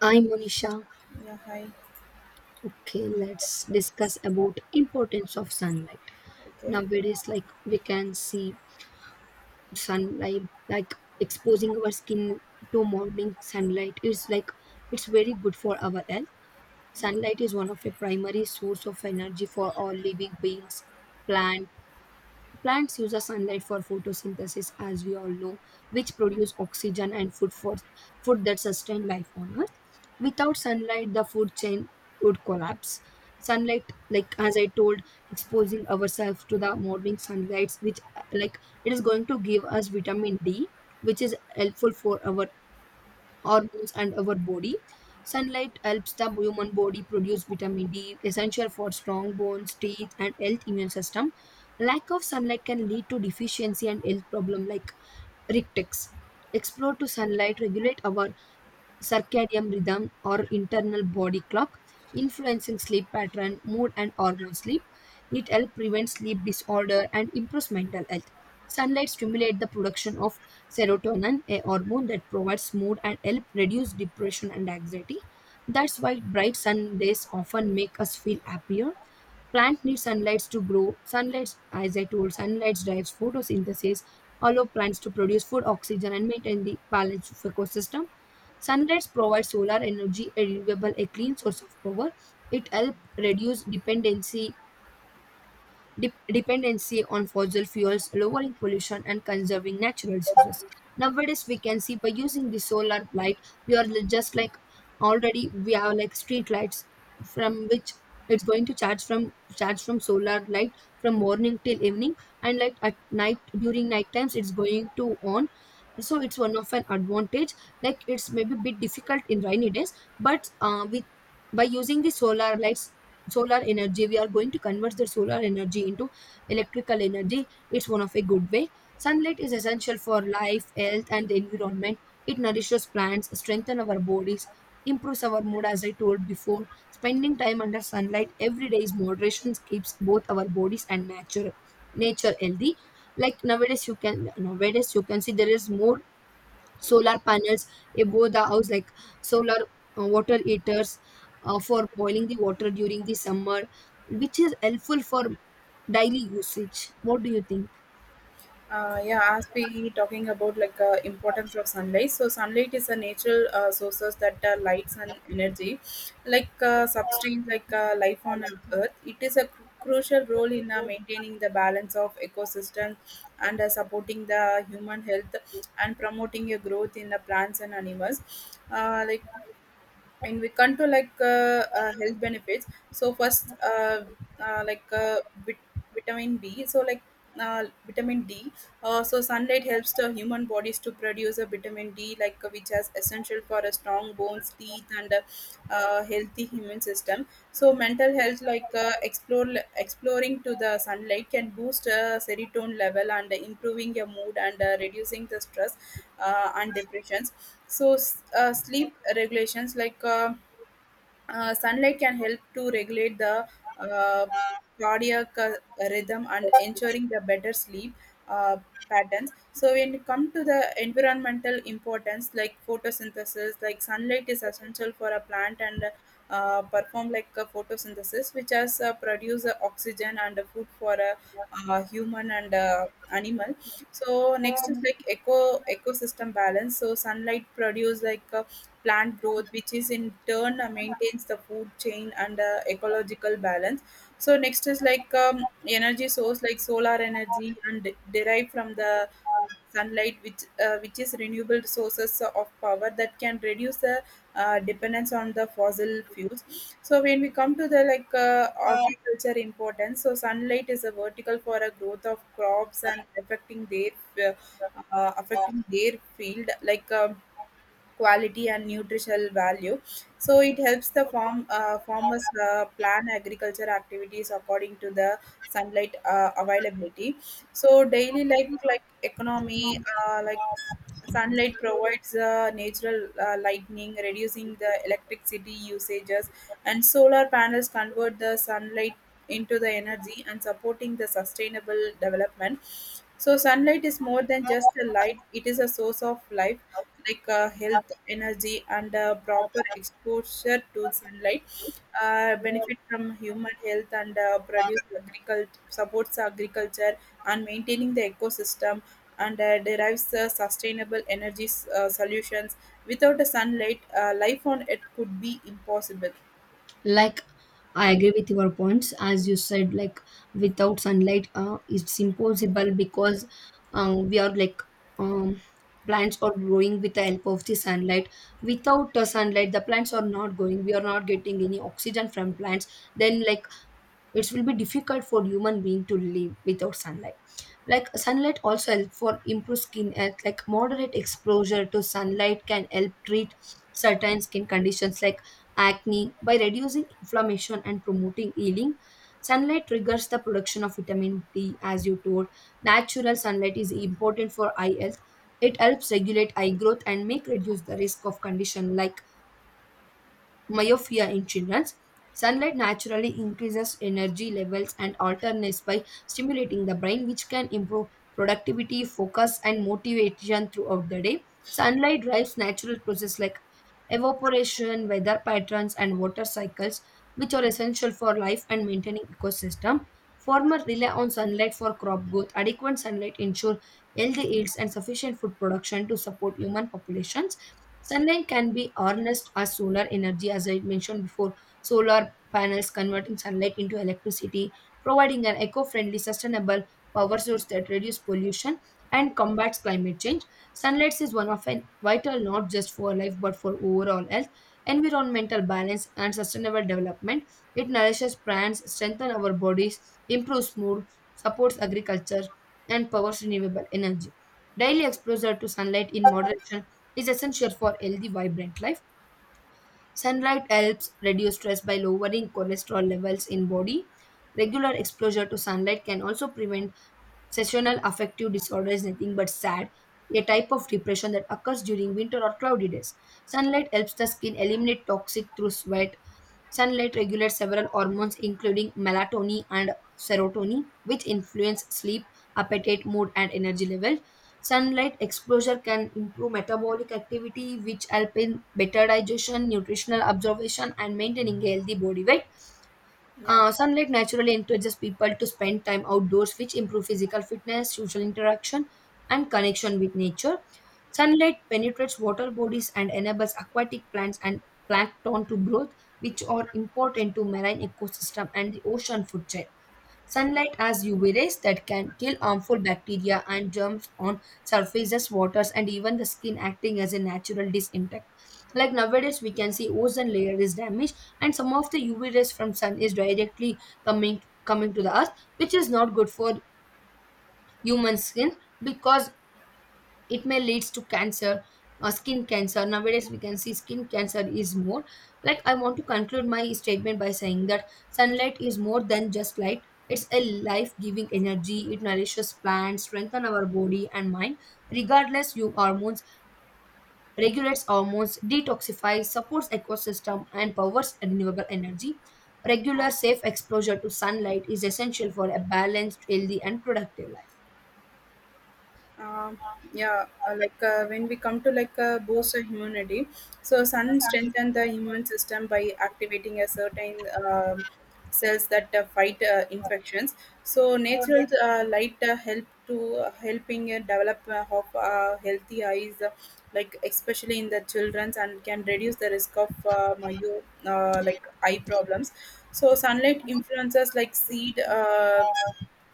I'm Monisha. Yeah, hi. Okay, let's discuss about importance of sunlight. Okay. Nowadays, we can see sunlight, like exposing our skin to morning sunlight is it's very good for our health. Sunlight is one of a primary source of energy for all living beings, plant, Plants use the sunlight for photosynthesis, as we all know, which produce oxygen and food for food that sustain life on Earth. Without sunlight, the food chain would collapse. Sunlight, like as I told, exposing ourselves to the morning sunlight, which it is going to give us vitamin D, which is helpful for our hormones and our body. Sunlight helps the human body produce vitamin D, essential for strong bones, teeth, and health immune system. Lack of sunlight can lead to deficiency and health problem like rictics. Explore to sunlight regulate our circadian rhythm or internal body clock, influencing sleep pattern, mood, and hormone sleep. It helps prevent sleep disorder and improves mental health. Sunlight stimulates the production of serotonin, a hormone that provides mood and help reduce depression and anxiety. That's why bright sun days often make us feel happier. Plant need sunlight to grow. Sunlight, as I told, sunlight drives photosynthesis, allow plants to produce food, oxygen, and maintain the balance of ecosystem. Sunlight provides solar energy, a renewable, a clean source of power. It helps reduce dependency dependency on fossil fuels, lowering pollution, and conserving natural resources. Nowadays, we can see by using the solar light, we are li- just like already we have like street lights from which it's going to charge from solar light from morning till evening, and like at night during night times it's going to on. So it's one of an advantage. Like it's maybe a bit difficult in rainy days, but with by using the solar lights, solar energy, we are going to convert the solar energy into electrical energy. It's one of a good way. Sunlight is essential for life, health, and the environment. It nourishes plants, strengthens our bodies, improves our mood. As I told before, spending time under sunlight every day is moderation, keeps both our bodies and nature healthy. Like nowadays you can see there is more solar panels above the house, like solar water heaters for boiling the water during the summer, which is helpful for daily usage. What do you think? Yeah, as we talking about importance of sunlight. So sunlight is a natural sources that lights and energy, substance life on Earth. It is a crucial role in maintaining the balance of ecosystem and supporting the human health and promoting a growth in the plants and animals. Uh, like and we come to health benefits, so first uh, like uh, vit- vitamin b, so vitamin d, so sunlight helps the human bodies to produce a vitamin D, which is essential for a strong bones, teeth, and a healthy human system. So mental health, like explore exploring to the sunlight, can boost serotonin level and improving your mood and reducing the stress and depressions. So sleep regulations, like. Sunlight can help to regulate the uh, cardiac rhythm and ensuring the better sleep uh, patterns. So when it come to the environmental importance, like photosynthesis, like sunlight is essential for a plant and perform like a photosynthesis, which has produce oxygen and food for a human and animal. So next is like ecosystem balance. So sunlight produce plant growth, which is in turn maintains the food chain and ecological balance. So next is like energy source like solar energy and derived from the sunlight, which is renewable sources of power that can reduce the dependence on the fossil fuels. So when we come to the agriculture importance, so sunlight is a vertical for a growth of crops and uh, affecting their field like. Quality and nutritional value. So it helps the farmers plan agriculture activities according to the sunlight availability. So daily economy, sunlight provides natural lightning, reducing the electricity usages, and solar panels convert the sunlight into the energy and supporting the sustainable development. So, sunlight is more than just a light, it is a source of life, health, energy, and proper exposure to sunlight. Benefit from human health and produce agriculture supports agriculture and maintaining the ecosystem and derives sustainable energy solutions. Without the sunlight, life on Earth could be impossible. Like I agree with your points. As you said, like without sunlight, it's impossible because we are like um, plants are growing with the help of the sunlight. Without the sunlight, the plants are not going, we are not getting any oxygen from plants. Then like it will be difficult for human being to live without sunlight. Like sunlight also help for improve skin health. Like moderate exposure to sunlight can help treat certain skin conditions like acne by reducing inflammation and promoting healing. Sunlight triggers the production of vitamin D, as you told. Natural sunlight is important for eye health. It helps regulate eye growth and make reduce the risk of condition like myopia in children. Sunlight naturally increases energy levels and alternates by stimulating the brain, which can improve productivity, focus, and motivation throughout the day. Sunlight drives natural processes like evaporation, weather patterns, and water cycles, which are essential for life and maintaining ecosystem. Farmers rely on sunlight for crop growth. Adequate sunlight ensure healthy yields and sufficient food production to support human populations. Sunlight can be harnessed as solar energy. As I mentioned before, solar panels converting sunlight into electricity, providing an eco friendly, sustainable power source that reduces pollution and combats climate change. Sunlight is one of an vital, not just for life but for overall health, environmental balance, and sustainable development. It nourishes plants, strengthens our bodies, improves mood, supports agriculture, and powers renewable energy. Daily exposure to sunlight in moderation is essential for healthy, vibrant life. Sunlight helps reduce stress by lowering cholesterol levels in body. Regular exposure to sunlight can also prevent Sessional affective disorder, is nothing but SAD, a type of depression that occurs during winter or cloudy days. Sunlight helps the skin eliminate toxic through sweat. Sunlight regulates several hormones, including melatonin and serotonin, which influence sleep, appetite, mood, and energy level. Sunlight exposure can improve metabolic activity, which help in better digestion, nutritional absorption, and maintaining a healthy body weight. Yeah. Sunlight naturally encourages people to spend time outdoors, which improve physical fitness, social interaction, and connection with nature. Sunlight penetrates water bodies and enables aquatic plants and plankton to grow, which are important to marine ecosystem and the ocean food chain. Sunlight has UV rays that can kill harmful bacteria and germs on surfaces, waters, and even the skin, acting as a natural disinfectant. Like nowadays, we can see ozone layer is damaged, and some of the UV rays from sun is directly coming to the earth, which is not good for human skin, because it may leads to cancer, skin cancer. Nowadays we can see skin cancer is more. Like I want to conclude my statement by saying that sunlight is more than just light. It's a life giving energy. It nourishes plants, strengthen our body and mind, regardless you hormones, regulates hormones, detoxifies, supports ecosystem, and powers renewable energy. Regular safe exposure to sunlight is essential for a balanced, healthy, and productive life. Um, yeah, when we come to boost the immunity, so sun strengthens the immune system by activating a certain cells that fight infections. So natural light helping develop of healthy eyes, like especially in the childrens, and can reduce the risk of myo like eye problems. So sunlight influences like seed. Uh,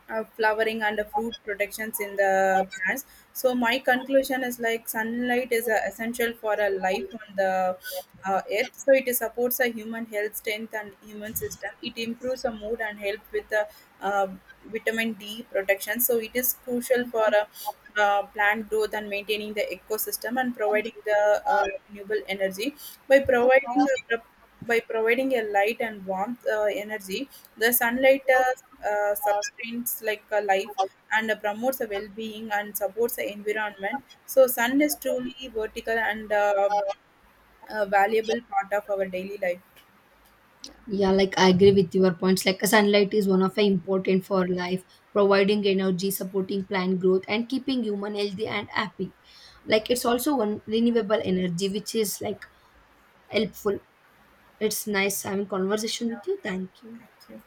uh, Flowering and the fruit protections in the plants. So my conclusion is like sunlight is essential for a life on the earth. So it supports a human health, strength, and human system. It improves a mood and help with the uh, vitamin D protection. So it is crucial for plant growth and maintaining the ecosystem and providing the renewable energy by providing the by providing a light and warmth energy, the sunlight sustains like a life and promotes a well-being and supports the environment. So sun is truly vertical and a valuable part of our daily life. Yeah, like I agree with your points. Like sunlight is one of the important for life, providing energy, supporting plant growth, and keeping human healthy and happy. Like it's also one renewable energy, which is like helpful. It's nice having conversation with you. Thank you. Thank you.